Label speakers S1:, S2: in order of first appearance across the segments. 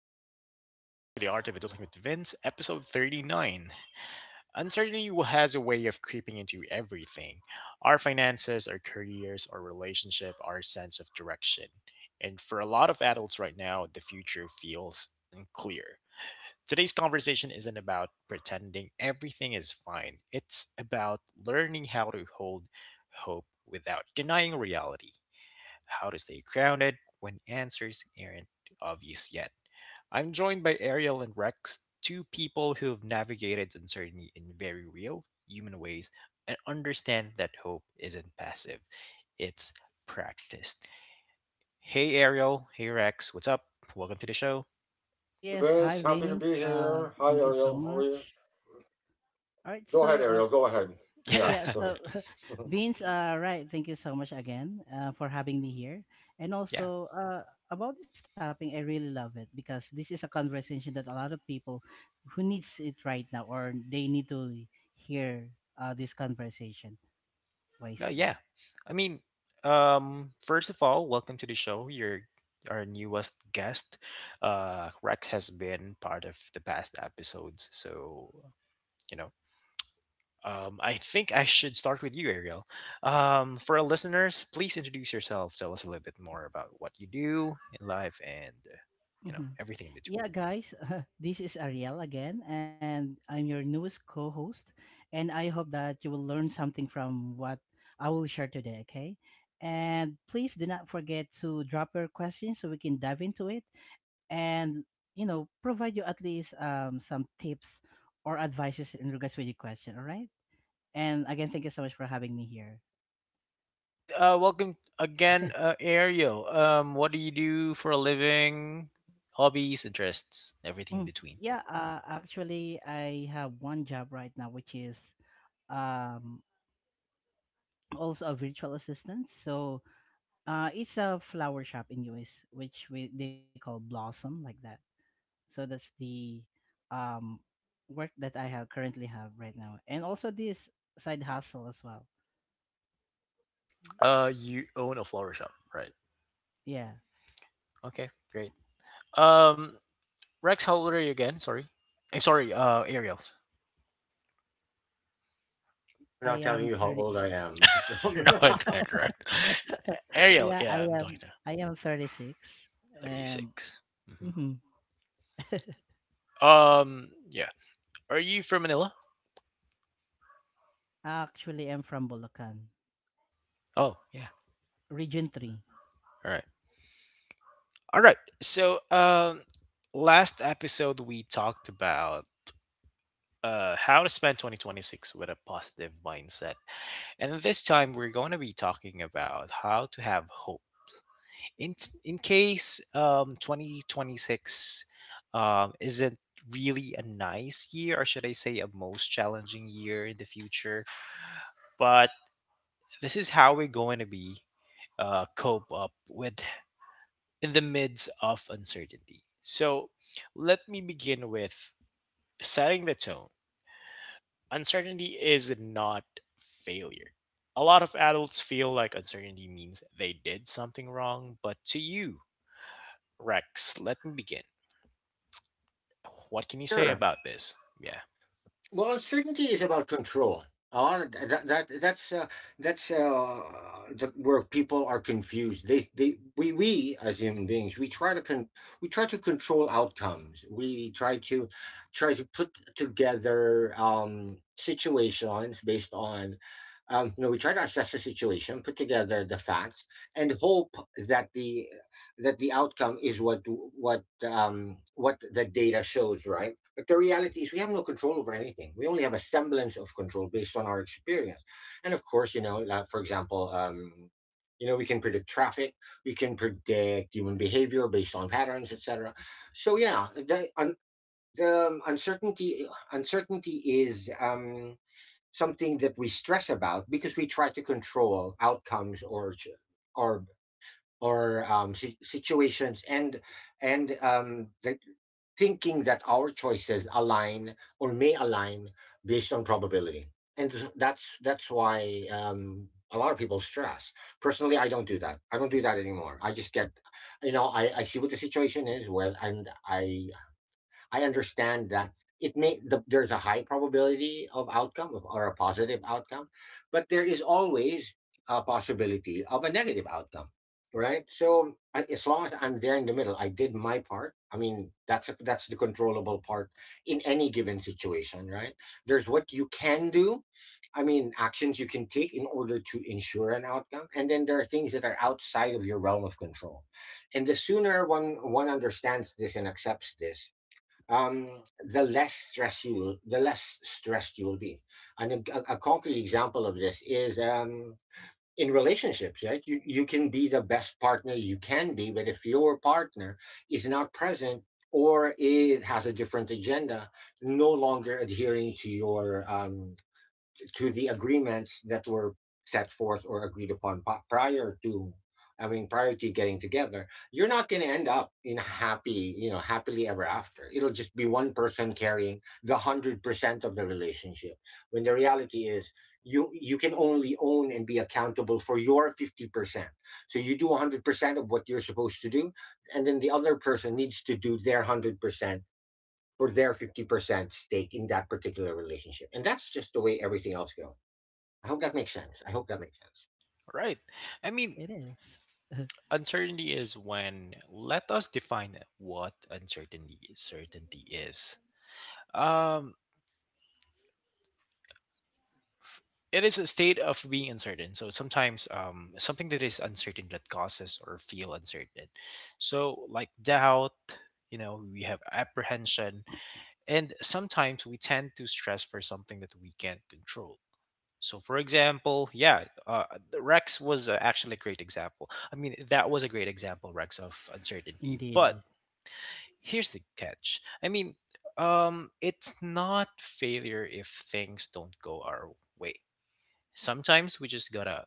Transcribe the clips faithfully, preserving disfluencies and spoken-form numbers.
S1: everyone, welcome back to the Art of Adulting with Vince, episode thirty-nine. Uncertainty has a way of creeping into everything: our finances, our careers, our relationship, our sense of direction. And for a lot of adults right now, the future feels unclear. Today's conversation isn't about pretending everything is fine, it's about learning how to hold hope without denying reality, how to stay grounded when answers aren't obvious yet. I'm joined by Ariel and Rex, two people who've navigated uncertainty in very real human ways and understand that hope isn't passive, it's practiced. Hey, Ariel. Hey, Rex. What's up? Welcome to the show.
S2: Oh
S3: Hey
S2: yes,
S3: Vince,
S2: hi
S3: happy to be
S2: Vince.
S3: here.
S2: Uh,
S3: Hi
S2: thank you
S3: Ariel,
S2: so
S3: how are you?
S2: much. All right,
S3: Go ahead,
S2: so
S3: Ariel,
S2: uh,
S3: go ahead. Yeah,
S2: yeah,
S1: Yeah.
S3: go ahead.
S2: so
S3: I'm
S2: Vince, uh, right, thank you so much again uh, for having me here, and
S1: Yeah.
S2: also uh, about this topic. I really love it because this is a conversation that a lot of people who needs it right now, or they need to hear uh, this conversation
S1: Uh,
S2: wisely.
S1: yeah. I mean, um, first of all, welcome to the show. Your Our newest guest, uh, Rex, has been part of the past episodes, so you know. Um, I think I should start with you, Ariel. Um, for our listeners, please introduce yourself. Tell us a little bit more about what you do in life and uh, you know
S2: Mhm.
S1: everything in between.
S2: Yeah, guys, this is Ariel again, and I'm your newest co host. And I hope that you will learn something from what I will share today, okay? And please do not forget to drop your questions so we can dive into it and, you know, provide you at least um, some tips or advices in regards with your question, all right? And again, thank you so much for having me here.
S1: All right. Uh, welcome again, uh, Ariel. Um, what do you do for a living? Hobbies, interests, everything in
S2: Mm,
S1: between.
S2: Yeah, uh, actually, I have one job right now, which is um, also a virtual assistant. So uh, it's a flower shop in U S, which we they call Blossom like that. So that's the um, work that I have currently have right now, and also this side hustle as well.
S1: Uh, you own a flower shop, right?
S2: Yeah,
S1: Okay, great. Um, Rex, how old are you again? Sorry, I'm sorry. Uh, Ariel.
S2: I I
S3: not telling
S2: am
S3: you how
S2: thirty.
S3: old I am.
S1: No, I can't. Right? Ariel.
S2: Yeah,
S1: Yeah,
S2: I
S1: I'm
S2: am.
S1: talking to
S2: I am thirty six, and
S1: thirty-six. Mhm.
S2: mhm.
S1: Um, yeah. Are you from Manila?
S2: Actually, I'm from Bulacan,
S1: Oh, yeah.
S2: Region Three.
S1: All right. All right. So, um, last episode we talked about uh how to spend twenty twenty-six with a positive mindset, and this time we're going to be talking about how to have hope, in in case um twenty twenty-six um isn't really a nice year, or should I say a most challenging year in the future. But this is how we're going to be uh, cope up with in the midst of uncertainty. So let me begin with setting the tone. Uncertainty is not failure. A lot of adults feel like uncertainty means they did something wrong, but to you, Rex, let me begin. What can you say
S3: Sure.
S1: about this? Yeah,
S3: Well, uncertainty is about control. Uh, that, that that's uh, that's uh, the, where people are confused. They they we we as human beings we try to con- we try to control outcomes. We try to try to put together um, situations based on um, you know, we try to assess the situation, put together the facts, and hope that the that the outcome is what what um, what the data shows, right? But the reality is, we have no control over anything. We only have a semblance of control based on our experience. And of course, you know, like, for example, um, you know, we can predict traffic, we can predict human behavior based on patterns, et cetera. So yeah, the un, the um, uncertainty uncertainty is um, something that we stress about because we try to control outcomes or ch- or or um, si- situations and and um, the thinking that our choices align or may align based on probability. And that's that's why um, a lot of people stress. Personally, I don't do that. I don't do that anymore. I just get, you know, I, I see what the situation is. Well, and I I understand that it may the, there's a high probability of outcome of, or a positive outcome, but there is always a possibility of a negative outcome, right? So I- as long as I'm there in the middle, I did my part. I mean, that's a, that's the controllable part in any given situation, right? There's what you can do. I mean, actions you can take in order to ensure an outcome, and then there are things that are outside of your realm of control. And the sooner one one understands this and accepts this, um, the less stress you will, the less stressed you will be. And a, a concrete example of this is um, in relationships, right? You you can be the best partner you can be, but if your partner is not present or it has a different agenda, no longer adhering to your um, to the agreements that were set forth or agreed upon prior to i mean prior to getting together, you're not going to end up in a happy, you know, happily ever after. It'll just be one person carrying the one hundred percent of the relationship, when the reality is you you can only own and be accountable for your fifty percent. So you do one hundred percent of what you're supposed to do, and then the other person needs to do their one hundred percent for their fifty percent stake in that particular relationship, and that's just the way everything else goes. I hope that makes sense. I hope that makes sense.
S1: right. I mean,
S2: It is.
S1: uncertainty is when, let us define what uncertainty certainty is. Um, f- it is a state of being uncertain. So sometimes um, something that is uncertain that causes or feel uncertain. So like doubt, you know, we have apprehension, and sometimes we tend to stress for something that we can't control. So, for example, yeah, uh, the Rex was uh, actually a great example. I mean, that was a great example, Rex, of uncertainty. But
S2: Indeed.
S1: here's the catch. I mean, um, it's not failure if things don't go our way. Sometimes we just gotta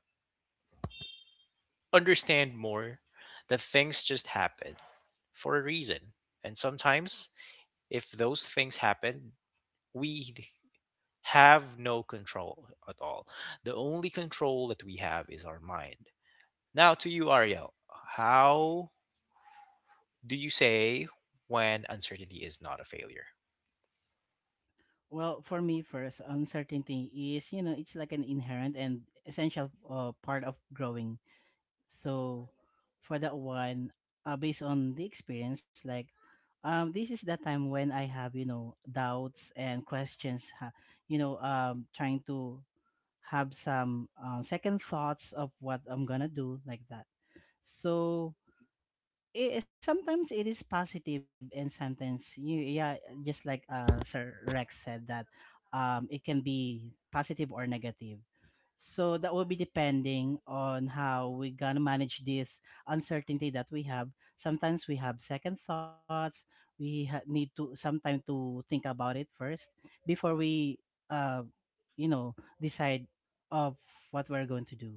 S1: understand more that things just happen for a reason. And sometimes, if those things happen, we have no control at all. The only control that we have is our mind. Now to you, Ariel. How do you say when uncertainty is not a failure?
S2: Well, for me, first, uncertainty is, you know, it's like an inherent and essential uh, part of growing. So for that one, uh, based on the experience, like um this is the time when I have, you know, doubts and questions. Ha- you know, um trying to have some, um, second thoughts of what I'm gonna do like that. So eh, sometimes it is positive and sometimes you, yeah, just like uh sir Rex said, that um it can be positive or negative. So that will be depending on how we gonna manage this uncertainty that we have. Sometimes we have second thoughts. We ha- need to sometime to think about it first before we uh you know decide of what we're going to do.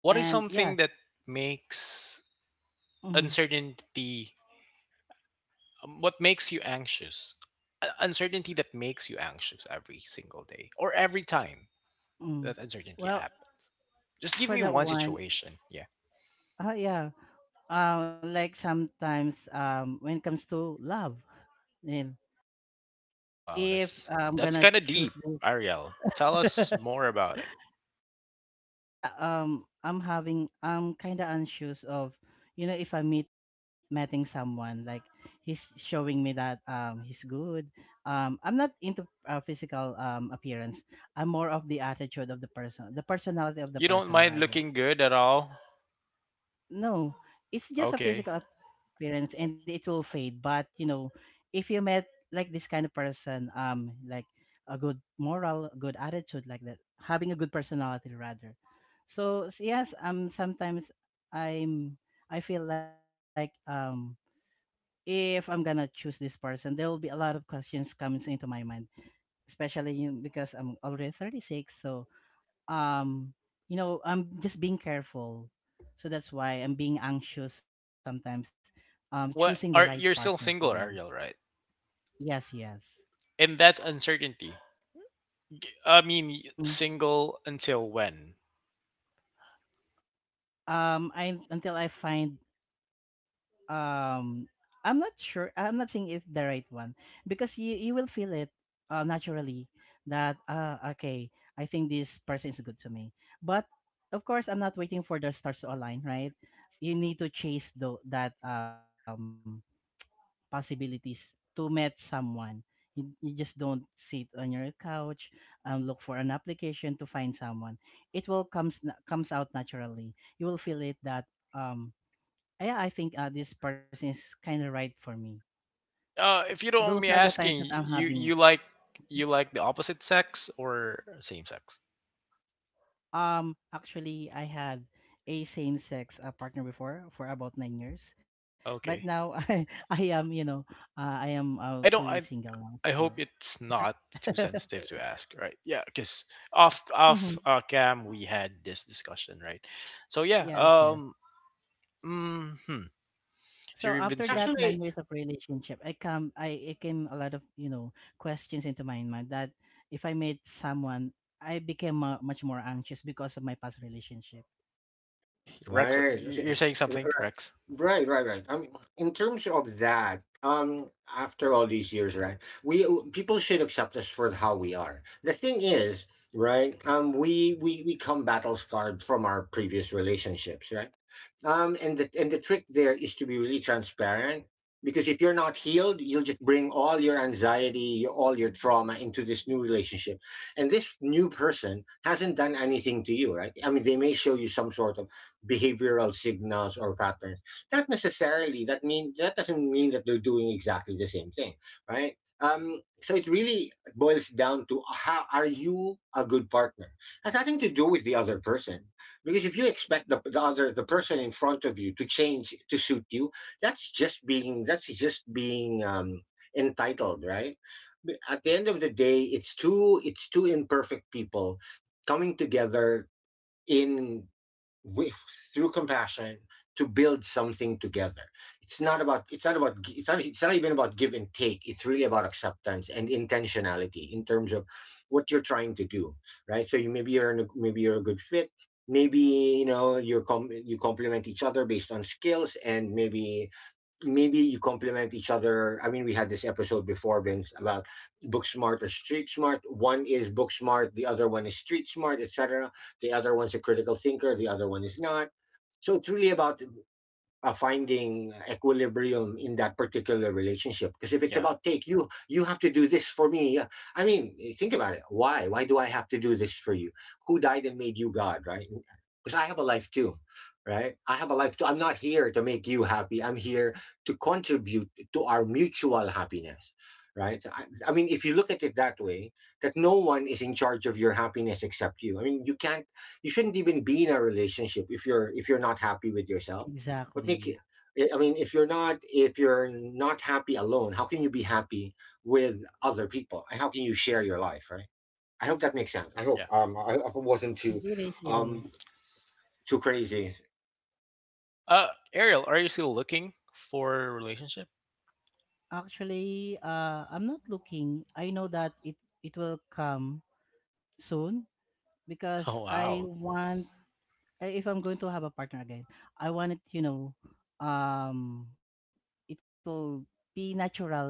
S1: What is
S2: And yeah.
S1: something that makes
S2: Mhm,
S1: uncertainty, um, what makes you anxious? Uh, Uncertainty that makes you anxious every single day, or every time
S2: mhm.
S1: that uncertainty
S2: Well,
S1: happens. Just give
S2: for
S1: me
S2: that
S1: one
S2: one,
S1: situation. Yeah.
S2: Uh, yeah. Uh, like sometimes um when it comes to love, and
S1: Oh wow,
S2: if
S1: that's
S2: I'm
S1: that's
S2: gonna
S1: kind of deep,
S2: choose
S1: Ariel. Tell
S2: this,
S1: us more about it.
S2: yeah, um I'm having, I'm kinda anxious of, you know, if I meet meeting someone like he's showing me that um he's good. Um, I'm not into uh, physical um appearance. I'm more of the attitude of the person, the personality of the
S1: You don't
S2: person
S1: mind
S2: rather.
S1: looking good at all?
S2: No, it's just a
S1: Okay.
S2: physical appearance and it will fade. But you know, if you met like this kind of person, um, like a good moral, good attitude, like that, having a good personality rather. So s- yes, um, sometimes I'm I feel like um if I'm gonna choose this person, there will be a lot of questions comes into my mind, especially, you know, because I'm already thirty-six, so um you know I'm just being careful. So that's why I'm being anxious sometimes, um choosing
S1: What
S2: the right
S1: are you're
S2: partner
S1: still
S2: for
S1: single,
S2: me.
S1: Ariel, right?
S2: Yes, yes.
S1: And that's uncertainty. I mean, y-
S2: Hmm.
S1: single until when?
S2: um I until I find, um I'm not sure, I'm not saying if the right one, because you you will feel it uh, naturally that, uh okay, I think this person is good to me. But of course, I'm not waiting for the stars to align, right? You need to chase the, that um possibilities to meet someone. You, you just don't sit on your couch and look for an application to find someone. It will comes na- comes out naturally. You will feel it that um yeah, I think uh, this person is kind of right for me.
S1: Uh, if you don't mind
S2: Those
S1: me
S2: are the times
S1: asking,
S2: that
S1: y-
S2: I'm
S1: you
S2: having.
S1: you like you like the opposite sex or same sex?
S2: Um, actually I had a same sex uh, partner before for about nine years, but
S1: Okay.
S2: now I I am, you know, uh, I am uh,
S1: I don't
S2: two years
S1: I
S2: single now.
S1: I hope
S2: So.
S1: it's not too sensitive to ask, right? Yeah, cuz off off
S2: Mhm.
S1: uh, cam we had this discussion, right? So yeah,
S2: Yes, yes.
S1: um hmm so
S2: So
S1: you've been
S3: It's
S2: after
S1: seeing
S2: that nine
S3: actually
S2: years of relationship, I come I it came a lot of, you know, questions into my mind that if I met someone, I became uh, much more anxious because of my past relationship.
S1: Rex.
S3: right. so-
S1: you- You're
S3: so-
S1: saying
S3: r-
S1: something,
S3: r-
S1: Rex.
S3: Right, right, right. I mean, in terms of that, um, after all these years, right, we people should accept us for how we are. The thing is, right, um, we we we come battle scarred from our previous relationships, right? Um, and the and the trick there is to be really transparent, because if you're not healed, you'll just bring all your anxiety, all your trauma into this new relationship. And this new person hasn't done anything to you, right? I mean, they may show you some sort of behavioral signals or patterns. Not necessarily that mean that doesn't mean that they're doing exactly the same thing, right? Um, so it really boils down to how are you a good partner? Has nothing to do with the other person, because if you expect the, the other the person in front of you to change to suit you, that's just being that's just being um, entitled, right? But at the end of the day, it's two it's two imperfect people coming together in with through compassion to build something together. It's not about it's not about it's not it's not even about give and take. It's really about acceptance and intentionality in terms of what you're trying to do, right? So you maybe you're in a, maybe you're a good fit, maybe you know you're com- you complement each other based on skills, and maybe maybe you complement each other. I mean, we had this episode before, Vince, about book smart or street smart. One is book smart, the other one is street smart, et cetera. The other one's a critical thinker, the other one is not. So it's really about uh, finding equilibrium in that particular relationship, because if it's
S1: Yeah,
S3: about take, you you have to do this for me. Uh, i mean eh, think about it, why why do I have to do this for you? Who died and made you god, right? Because I have a life too, right? I have a life too. I'm not here to make you happy. I'm here to contribute to our mutual happiness, right? So I, I mean, if you look at it that way, that no one is in charge of your happiness except you. I mean, you can't, you shouldn't even be in a relationship if you're if you're not happy with yourself. What make you?
S2: Exactly.
S3: I mean, if you're not if you're not happy alone, how can you be happy with other people? And how can you share your life, right? I hope that makes sense. I hope
S1: yeah.
S3: um I, I
S2: Mm,
S3: wasn't
S2: it
S3: too
S2: is it is.
S3: um too crazy.
S1: Uh, Ariel, are you still looking for a relationship?
S2: Actually, uh I'm not looking. I know that it it will come soon because
S1: Oh
S2: I
S1: wow.
S2: want, I- if I'm going to have a partner again, I want it, you know, um it will be naturally,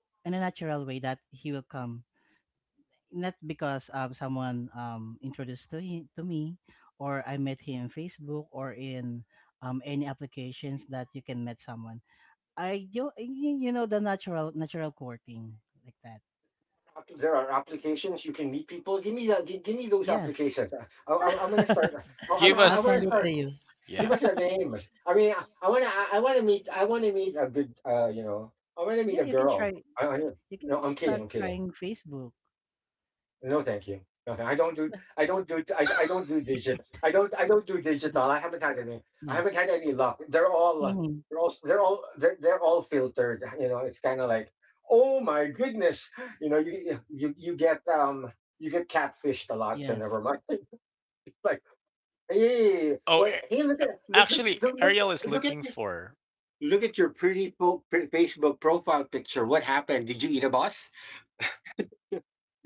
S2: in a natural way, that he will come. Not because um, someone, um, introduced to him, to me, or I met him in Facebook or in um, any applications that you can meet someone. I You, you you know the natural natural courting like that.
S3: There are applications you can meet people. Give me that. Give, give me those
S2: Yes,
S3: applications. Uh, I, I, I'm gonna start. I, I,
S1: Give
S3: I
S1: us
S2: I'll
S3: want to
S2: send it
S3: start.
S2: to
S1: though.
S2: you.
S3: Give
S1: Yeah.
S3: us their names. I mean, I, I wanna I, I wanna meet I wanna meet a good, uh, you know, I wanna meet
S2: Yeah,
S3: a
S2: you can
S3: girl.
S2: try.
S3: I, I
S2: You
S3: No,
S2: can
S3: I'm kidding.
S2: start
S3: I'm kidding.
S2: trying Facebook.
S3: No, thank you. No, thank I don't do. I don't do. I, I don't
S2: You know,
S3: do digital. I don't. I don't do
S2: yes.
S3: digital. I haven't had any. I haven't had any luck.
S2: Hmm.
S3: They're all. uh, They're all. They're all. They're, they're all filtered. You know, it's kind of like, oh my goodness. You know, you
S2: Yes,
S3: you you get um you get catfished a lot. So never mind. It's like, hey,
S1: Oh,
S3: what?
S1: a-
S3: Hey, look at look look
S1: Actually,
S3: look look,
S1: Ariel is
S3: look at
S1: looking
S3: you.
S1: for.
S3: Look at your pretty po- pre- Facebook profile picture. What happened? Did you eat a bus?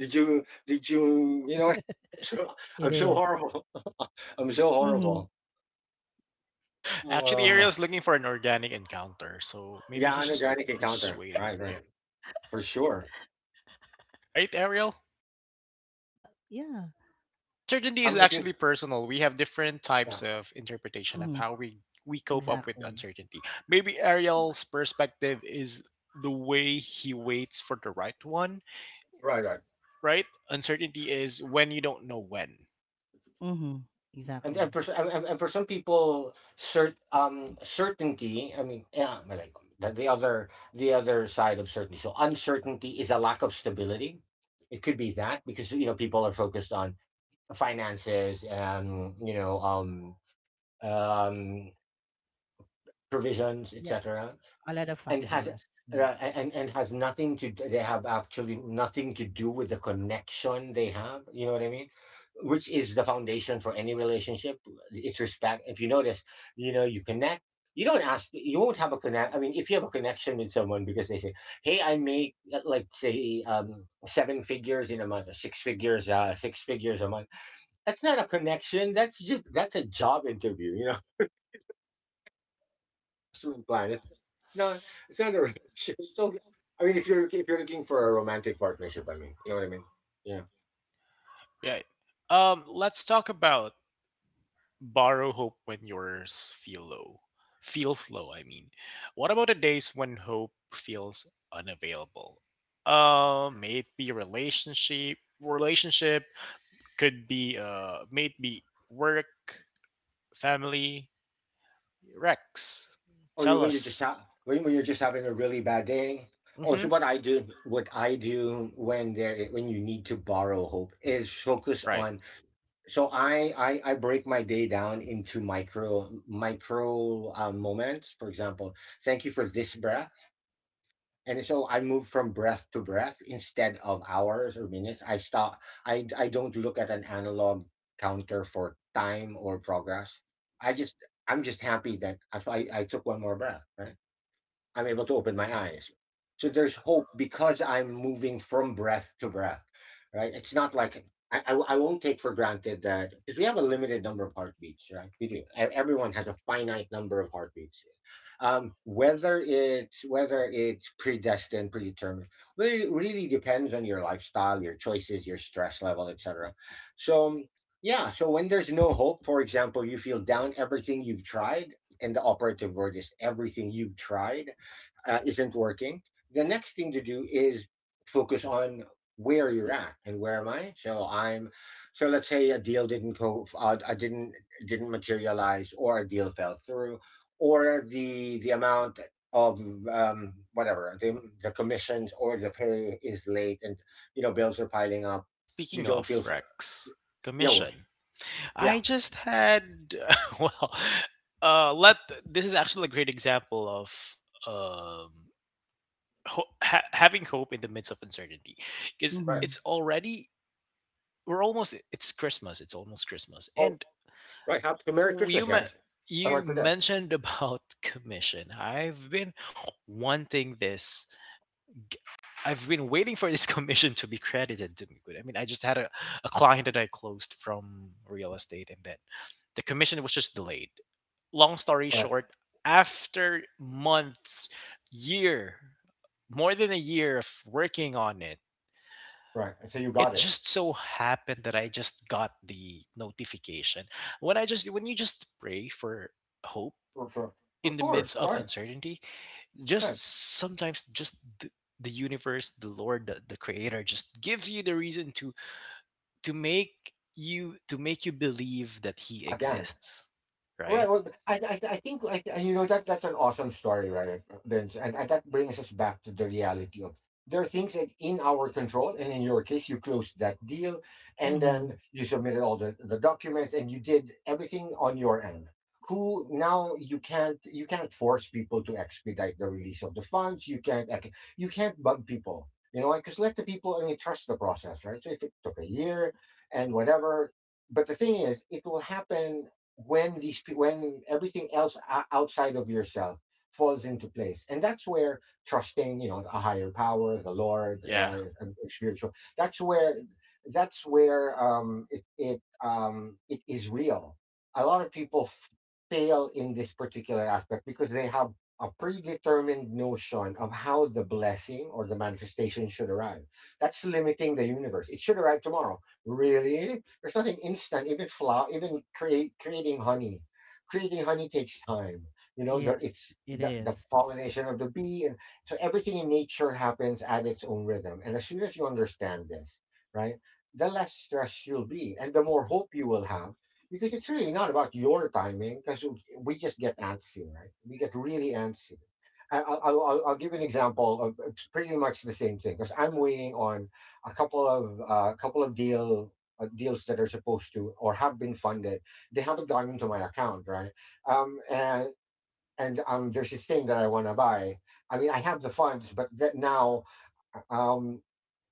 S3: Did you? Did
S2: it
S3: you? You know?
S2: is.
S3: I'm so I'm so horrible. I'm so
S2: Mm-hmm.
S3: horrible.
S1: Actually, Ariel
S3: Uh,
S1: is looking for an organic encounter. So maybe
S3: yeah,
S1: he's just
S3: anorganic
S1: he's just
S3: encounter.
S1: waiting.
S3: Right,
S1: Yeah.
S3: right, for sure.
S1: Right, Ariel.
S2: Uh, yeah.
S1: Uncertainty is
S3: I'm looking.
S1: actually personal. We have different
S3: Yeah,
S1: types of interpretation of
S2: Mm-hmm.
S1: how we we cope up with
S2: Exactly.
S1: uncertainty. Maybe Ariel's perspective is the way he waits for the right one,
S3: right, right.
S1: right? Uncertainty is when you don't know when.
S2: Mhm.
S3: And
S2: Exactly.
S3: and for s- and, and and for some people, cert um certainty. I mean, yeah, but like the, the other the other side of certainty. So uncertainty is a lack of stability. It could be that because you know people are focused on finances, um, you know, um, um, provisions,
S2: Yeah,
S3: et cetera
S2: a lot of
S3: and has
S2: factors. Well,
S3: Right, and and has nothing to, they have actually nothing to do with the connection they have, you know what I mean, which is the foundation for any relationship. It's respect. If you notice, you know, you connect, you don't ask, you won't have a connect. I mean, if you have a connection with someone because they say, hey, I make uh, like say, um seven figures in a month, or six figures, uh six figures a month, that's not a connection. That's just that's a job interview, you know, absolutely
S1: Yeah.
S3: blind. It's, it's not, it's not a relationship. It's So I mean, if you're if you're looking for a romantic partnership, I mean, you know what I mean? Yeah.
S1: Yeah. Um, let's talk about borrow hope when yours feel low. Feels low, I mean. What about the days when hope feels unavailable? Um, Maybe relationship relationship, could be uh may it be work, family. Rex,
S3: Oh, you
S1: tell
S3: when you just
S1: us.
S3: ha- when when you're just having a really bad day. Oh, so
S1: Mm-hmm.
S3: what I do, what I do when there when you need to borrow hope is focus
S1: Right.
S3: on. So I I, I break my day down into micro micro um, moments. For example, thank you for this breath. And so I move from breath to breath instead of hours or minutes. I stop. I I don't look at an analog counter for time or progress. I just I'm just happy that I I, I took one more breath. Right. I'm able to open my eyes. So there's
S1: Yeah,
S3: hope because I'm moving from breath to breath, right? It's not like I, I, I won't take for granted that because we have a limited number of heartbeats, right? We do. E- Everyone has a finite number of heartbeats. Um, whether it's whether it's predestined, predetermined, really really depends on your lifestyle, your choices, your stress level, et cetera. So yeah, so when there's no hope, for example, you feel down. Everything you've tried, and the operative word is everything you've tried uh, isn't working, the next thing to do is focus on where you're at and where am I. So I'm, so let's say a deal didn't go, uh, I didn't didn't materialize, or a deal fell through, or the the amount of um, whatever the, the commissions or the pay is late, and you know bills are piling up. You
S1: speaking
S3: don't feel,
S1: of,
S3: f-
S1: Rex,
S3: yeah, well,
S1: commission
S3: yeah,
S1: I just had well, uh let this is actually a great example of um ho- ha- having hope in the midst of uncertainty, because
S3: right.
S1: it's
S2: mhm.
S1: already, we're almost, it's Christmas, it's almost Christmas,
S3: Oh,
S1: and
S3: right. Happy so Merry Christmas,
S1: you me-
S3: guys. Oh, I
S1: you
S3: might forget.
S1: mentioned about commission. I've been wanting this. g- I've been waiting for this commission to be credited to me. But, I mean, I just had a, a client that I closed from real estate, and then the commission was just delayed. Long story
S3: Right,
S1: short, after months, year, more than a year of working on it,
S3: right. And so you got
S1: it
S3: it.
S1: just so happened that I just got the notification. When I just when you just pray for hope
S3: For, for, of
S1: in the midst
S3: course,
S1: of
S3: right.
S1: uncertainty,
S3: Right.
S1: just sometimes just the, the universe, the Lord, the, the creator just gives you the reason to to make you, to make you believe that he
S3: Again.
S1: exists, right?
S3: Right. Well, I, I, I think, I, I- you know, that that's an awesome story, right, Vince? And, and that brings us back to the reality of there are things that in our control. And in your case, you closed that deal and then
S2: Mhm.
S3: you submitted all the, the documents and you did everything on your end. Who now you can't you can't force people to expedite the release of the funds. You can't ex- you can't bug people. You know, because let the people I mean trust the process, right? So if it took a year and whatever, but the thing is, it will happen when these pe- when everything else o- outside of yourself falls into place, and that's where trusting, you know a higher power, the Lord,
S1: Yeah.
S3: uh, a a spiritual. that's where that's where um it it um it is real. A lot of people f- fail in this particular aspect because they have a predetermined notion of how the blessing or the manifestation should arrive. That's limiting the universe. It should arrive tomorrow. Really, there's nothing instant. Even flour, even create creating honey, creating honey takes time. You know, the
S2: Yes,
S3: it's
S2: it
S3: the, the
S2: is.
S3: pollination of the bee, and so everything in nature happens at its own rhythm. And as soon as you understand this, right, the less stressed you'll be, and the more hope you will have. Because it's really not about your timing, because we just get antsy, right? We get really antsy. I- I'll, I'll, I'll I'll give an example of it's pretty much the same thing because I'm waiting on a couple of uh, couple of deal uh, deals that are supposed to or have been funded, they haven't gone into my account, right? Um, and and um, there's this thing that I want to buy. I mean, I have the funds, but that now, um,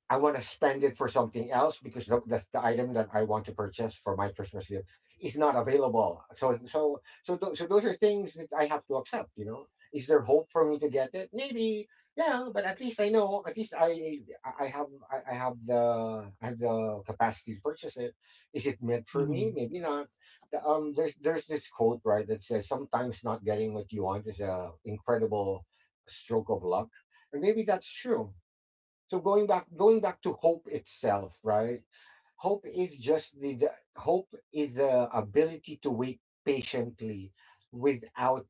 S3: I want to spend it for something else because the, the, the item that I want to purchase for my Christmas gift is not available. So so so th- so those are things that I have to accept. You know, is there hope for me to get it? Maybe, yeah. But at least I know. At least I I have I, I have the I have the capacity to purchase it. Is it meant for me?
S2: Mhm.
S3: Maybe not. The- Um, there's there's this quote, right, that says sometimes not getting what you want is a incredible stroke of luck, and maybe that's true. So going back going back to hope itself, right. Hope is just the, the hope is the ability to wait patiently, without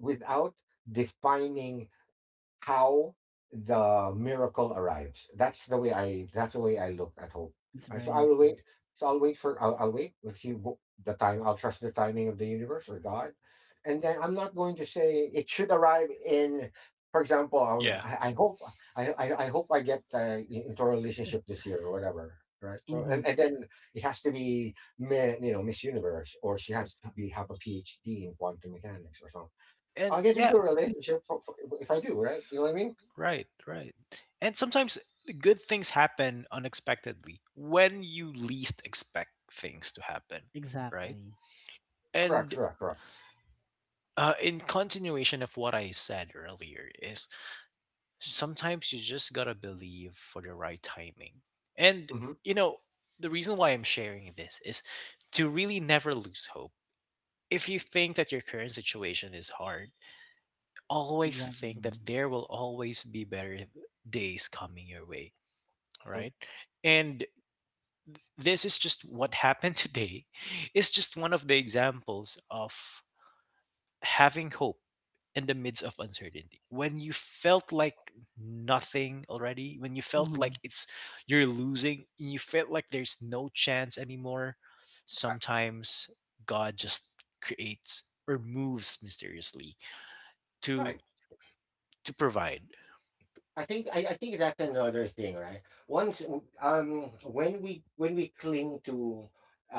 S3: without defining how the miracle arrives. That's the way I that's the way I look at hope.
S2: It's
S3: Right, so
S2: very
S3: I will
S2: nice.
S3: wait. So I'll wait for I'll, I'll wait. We'll see wh- the time. I'll trust the timing of the universe or God, and then I'm not going to say it should arrive in. For example, um,
S1: Yeah.
S3: I, I hope I, I, I hope I get uh, into a relationship this year or whatever. Right. So and,
S2: Mhm.
S3: and then it has to be, mi- you know, Miss Universe, or she has to be have a PhD in quantum mechanics or something. I'll
S1: And
S3: get
S1: yeah,
S3: into a relationship for- for- if I do, right? You know what I mean?
S1: right, right. And sometimes good things happen unexpectedly, when you least expect things to happen, right?
S2: Exactly.
S3: Correct,
S1: And
S3: correct, correct.
S1: uh, in continuation of what I said earlier is sometimes you just gotta believe for the right timing. And,
S3: Mm-hmm.
S1: you know, the reason why I'm sharing this is to really never lose hope. If you think that your current situation is hard, always
S2: Exactly.
S1: think that there will always be better days coming your way,
S3: Mm-hmm.
S1: right? And this is just what happened today. It's just one of the examples of having hope in the midst of uncertainty, when you felt like nothing already, when you felt like
S2: Mhm.
S1: it's you're losing and you felt like there's no chance anymore,
S3: Correct.
S1: sometimes God just creates or moves mysteriously to
S3: Right.
S1: to provide.
S3: I think I, I think that's another thing, right? Once, um when we when we cling to,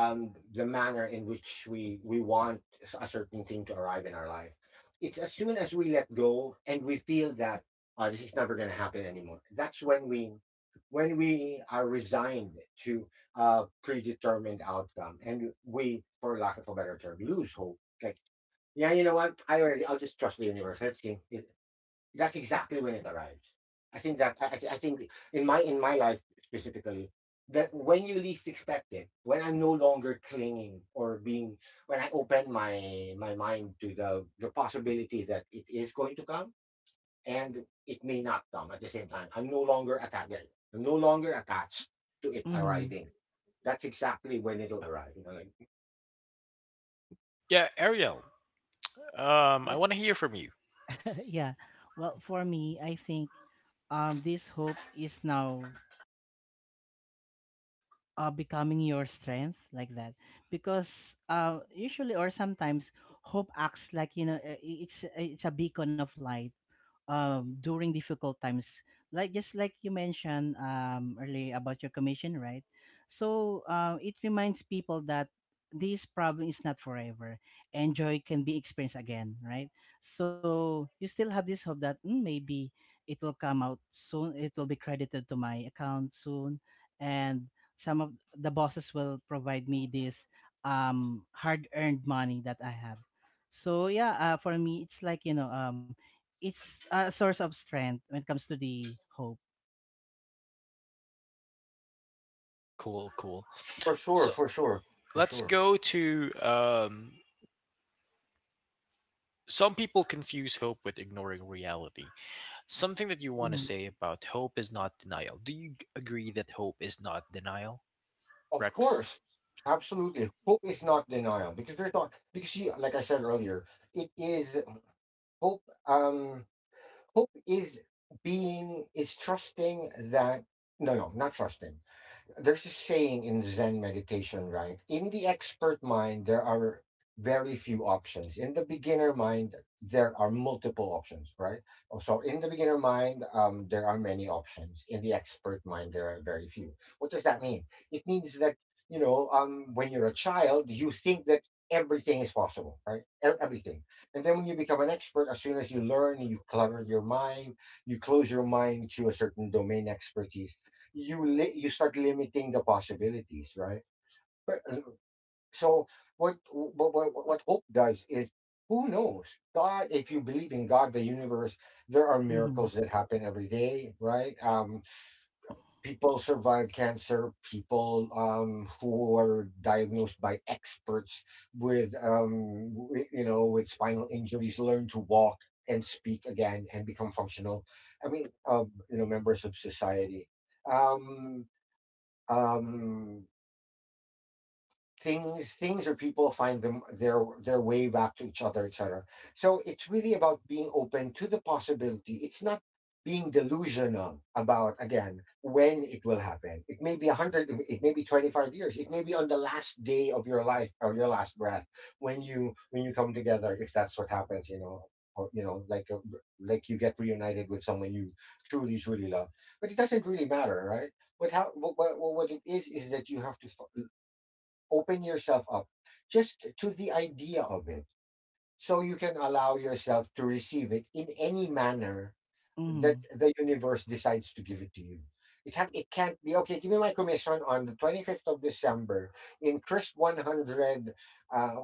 S3: um the manner in which we we want a certain thing to arrive in our life, it's as soon as we let go and we feel that uh, this is never going to happen anymore. That's when we when we are resigned to a predetermined outcome, and we, for lack of a better term, lose hope. Like, yeah, you know what? I already I'll just trust the universe. Let's see. That's exactly when it arrives. I think that I, I think in my in my life specifically that when you least expect it, when I'm no longer clinging or being, when I open my my mind to the the possibility that it is going to come, and it may not come at the same time. I'm no longer attached. I'm no longer attached to it
S2: Mhm.
S3: arriving. That's exactly when it'll
S1: Yeah,
S3: arrive. You know, like,
S1: amazing. Yeah, Ariel, um I
S2: Yeah.
S1: want to hear from you.
S2: yeah. Well, for me, I think um this hope is now uh becoming your strength like that, because uh usually or sometimes hope acts like, you know, uh, i- it's it's a beacon of light um during difficult times, like just like you mentioned um earlier about your commission, right? So uh, it reminds people that this problem is not forever, and joy can be experienced again, right? So you still have this hope that, "Mm, maybe it will come out soon, it will be credited to my account soon, and some of the bosses will provide me this um hard earned money that I have." So yeah, uh, for me, it's like, you know, um it's a source of strength when it comes to the hope.
S1: Cool, cool.
S3: for sure,
S1: So
S3: for sure, for
S1: let's
S3: sure.
S1: go to, um some people confuse hope with ignoring reality. Something that you want to
S2: Mm-hmm.
S1: say about hope is not denial. Do you g- agree that hope is not denial,
S3: Of
S1: Rex?
S3: course, absolutely. Hope is not denial because there's not because you like I said earlier, it is hope. Um, hope is being is trusting that no, no, not trusting. There's a saying in Zen meditation, right? In the expert mind, there are very few options. In the beginner mind, there are multiple options, right? Oh, so in the beginner mind, um, there are many options. In the expert mind, there are very few. What does that mean? It means that, you know, um, when you're a child, you think that everything is possible, right? E- Everything. And then when you become an expert, as soon as you learn, you clutter your mind, you close your mind to a certain domain expertise. You li- you start limiting the possibilities, right? But, uh, so what what what what hope does is, who knows? God, if you believe in God, the universe, there are
S2: Mm-hmm.
S3: miracles that happen every day, right? Um people survive cancer. People um who are diagnosed by experts with, um w- you know with spinal injuries, learn to walk and speak again and become functional. I mean, um you know members of society, um um, things things or people find them their their way back to each other, etc. So it's really about being open to the possibility. It's not being delusional about, again, when it will happen. It may be one hundred. It may be twenty-five years. It may be on the last day of your life or your last breath, when you when you come together, if that's what happens. You know or, you know like a, like you get reunited with someone you truly, truly love. But it doesn't really matter, right? But how what, what, what it is is that you have to f- open yourself up, just to the idea of it, so you can allow yourself to receive it in any manner
S2: Mm-hmm.
S3: that the universe decides to give it to you. It have it can't be, okay, give me my commission on the twenty fifth of December in crisp one hundred uh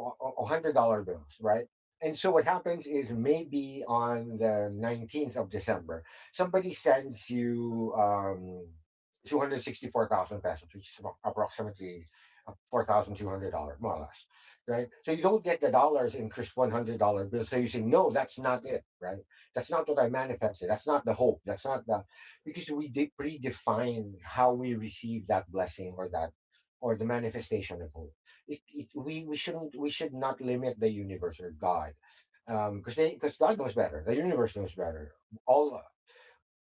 S3: hundred dollar bills, right? And so what happens is maybe on the nineteenth of December, somebody sends you um two hundred sixty four thousand pesos, which is approximately four thousand two hundred dollars, more or less, right? So you don't get the dollars in crisp one hundred dollar bills. So you say, no, that's not it, right? That's not what I manifested. That's not the hope. That's not the Because we de- predefine how we receive that blessing, or that, or the manifestation of hope. It, it we we shouldn't we should not limit the universe or God, um, because they because God knows better. The universe knows better. All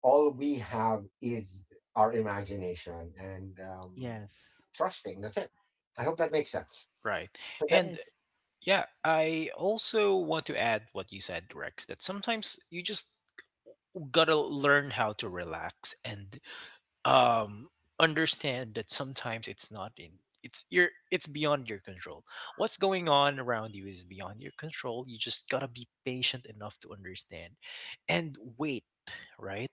S3: all we have is our imagination, and um,
S2: Yes.
S3: trusting. That's it. I hope that makes sense.
S1: Right.
S3: So that
S1: And
S2: Yes.
S1: yeah, I also want to add what you said, Rex, that sometimes you just gotta learn how to relax and um understand that sometimes it's not in it's your it's beyond your control. What's going on around you is beyond your control. You just gotta be patient enough to understand and wait, right?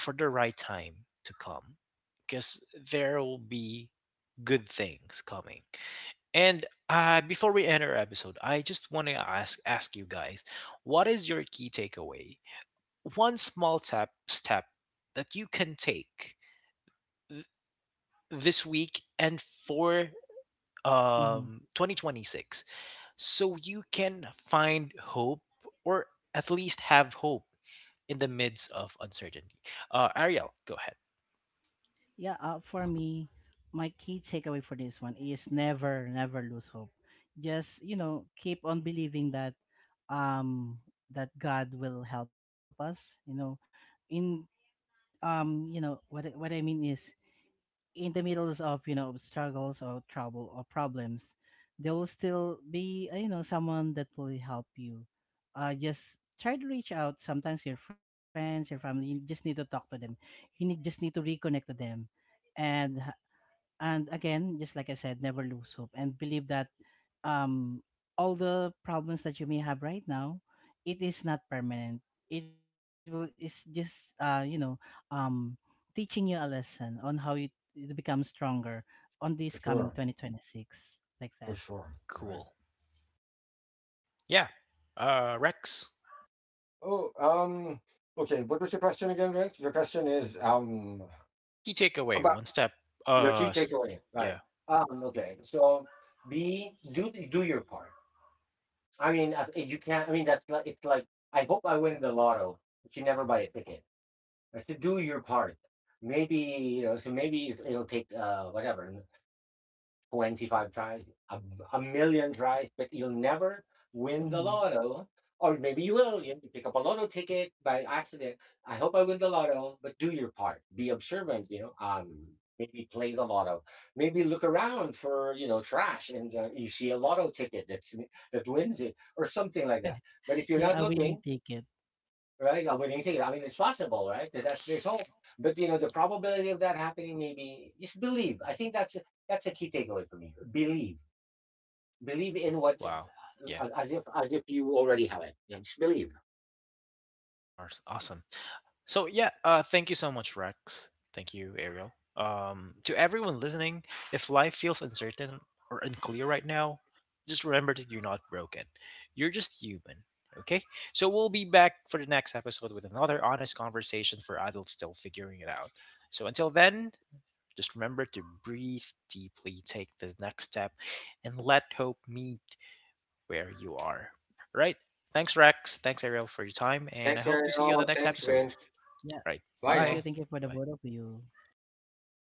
S1: For the right time to come, because there will be good things coming. And uh, before we end our episode, I just want to ask ask you guys, what is your key takeaway? One small tap step that you can take th- this week and for
S2: Mm-hmm.
S1: um twenty twenty-six, so you can find hope, or at least have hope in the midst of uncertainty. Uh, Ariel, go ahead.
S2: Yeah. Uh, for me, my key takeaway for this one is never, never lose hope. Just, you know, keep on believing that um that God will help us. You know, in, um you know what I- what I mean is in the middles of, you know, struggles or trouble or problems, there will still be, uh, you know, someone that will help you. Uh, just try to reach out. Sometimes your friends, your family, you just need to talk to them. You need, just need to reconnect to them, and and again, just like I said, never lose hope and believe that um all the problems that you may have right now, it is not permanent. It will it's just, uh you know, um teaching you a lesson on how you to become stronger on this
S3: For
S2: coming
S3: sure,
S2: twenty twenty-six like that.
S3: for sure, right.
S1: Cool. Yeah. Uh, Rex.
S3: Oh, um, okay. What was your question again, Rex? Your question is um
S1: Just a key takeaway.
S3: about
S1: One step.
S3: the
S1: Uh,
S3: key
S1: s-
S3: takeaway, right?
S1: yeah.
S3: Um, okay. So be do do your part. I mean, as- you can't. I mean, that's like it's like I hope I win the lotto, but you never buy a ticket. But to do your part, maybe you know. So maybe it- it'll take uh whatever. twenty-five tries, a, a million tries, but you'll never win the
S2: Mhm.
S3: lotto. Or maybe you will. You pick up a lotto ticket by accident. I hope I win the lotto, but do your part. Be observant, you know. Um, maybe play the lotto. Maybe look around for, you know, trash, and uh, you see a lotto ticket that's, that wins it or something like that. But if you're not
S2: Yeah, a winning
S3: looking,
S2: ticket.
S3: right? I wouldn't say it. I mean, it's possible,
S1: Yeah.
S3: right? There's that's, there's hope, but you know, the probability of that happening, maybe just believe. I think that's a, that's a key takeaway for me. Believe, believe
S1: Wow.
S3: in what,
S1: Wow. Yeah.
S3: uh, as if as if you already have it. Yeah, just believe.
S1: Aws- Awesome. So yeah. Uh, thank you so much, Rex. Thank you, Ariel. Um, to everyone listening, if life feels uncertain or unclear right now, just remember that you're not broken. You're just human. Okay. So we'll be back for the next episode with another honest conversation for adults still figuring it out. So until then, just remember to breathe deeply, take the next step, and let hope meet where you are. All right? Thanks, Rex. Thanks, Ariel, for your time. And I
S3: Thanks,
S1: hope to see you on the
S3: Ariel.
S1: next
S3: Thanks,
S1: episode.
S3: Vince.
S2: Yeah.
S1: All right.
S3: Bye
S2: Thank you.
S1: Bye.
S3: now.
S2: Thank you for
S1: Bye
S2: the
S1: bye.
S2: both of you.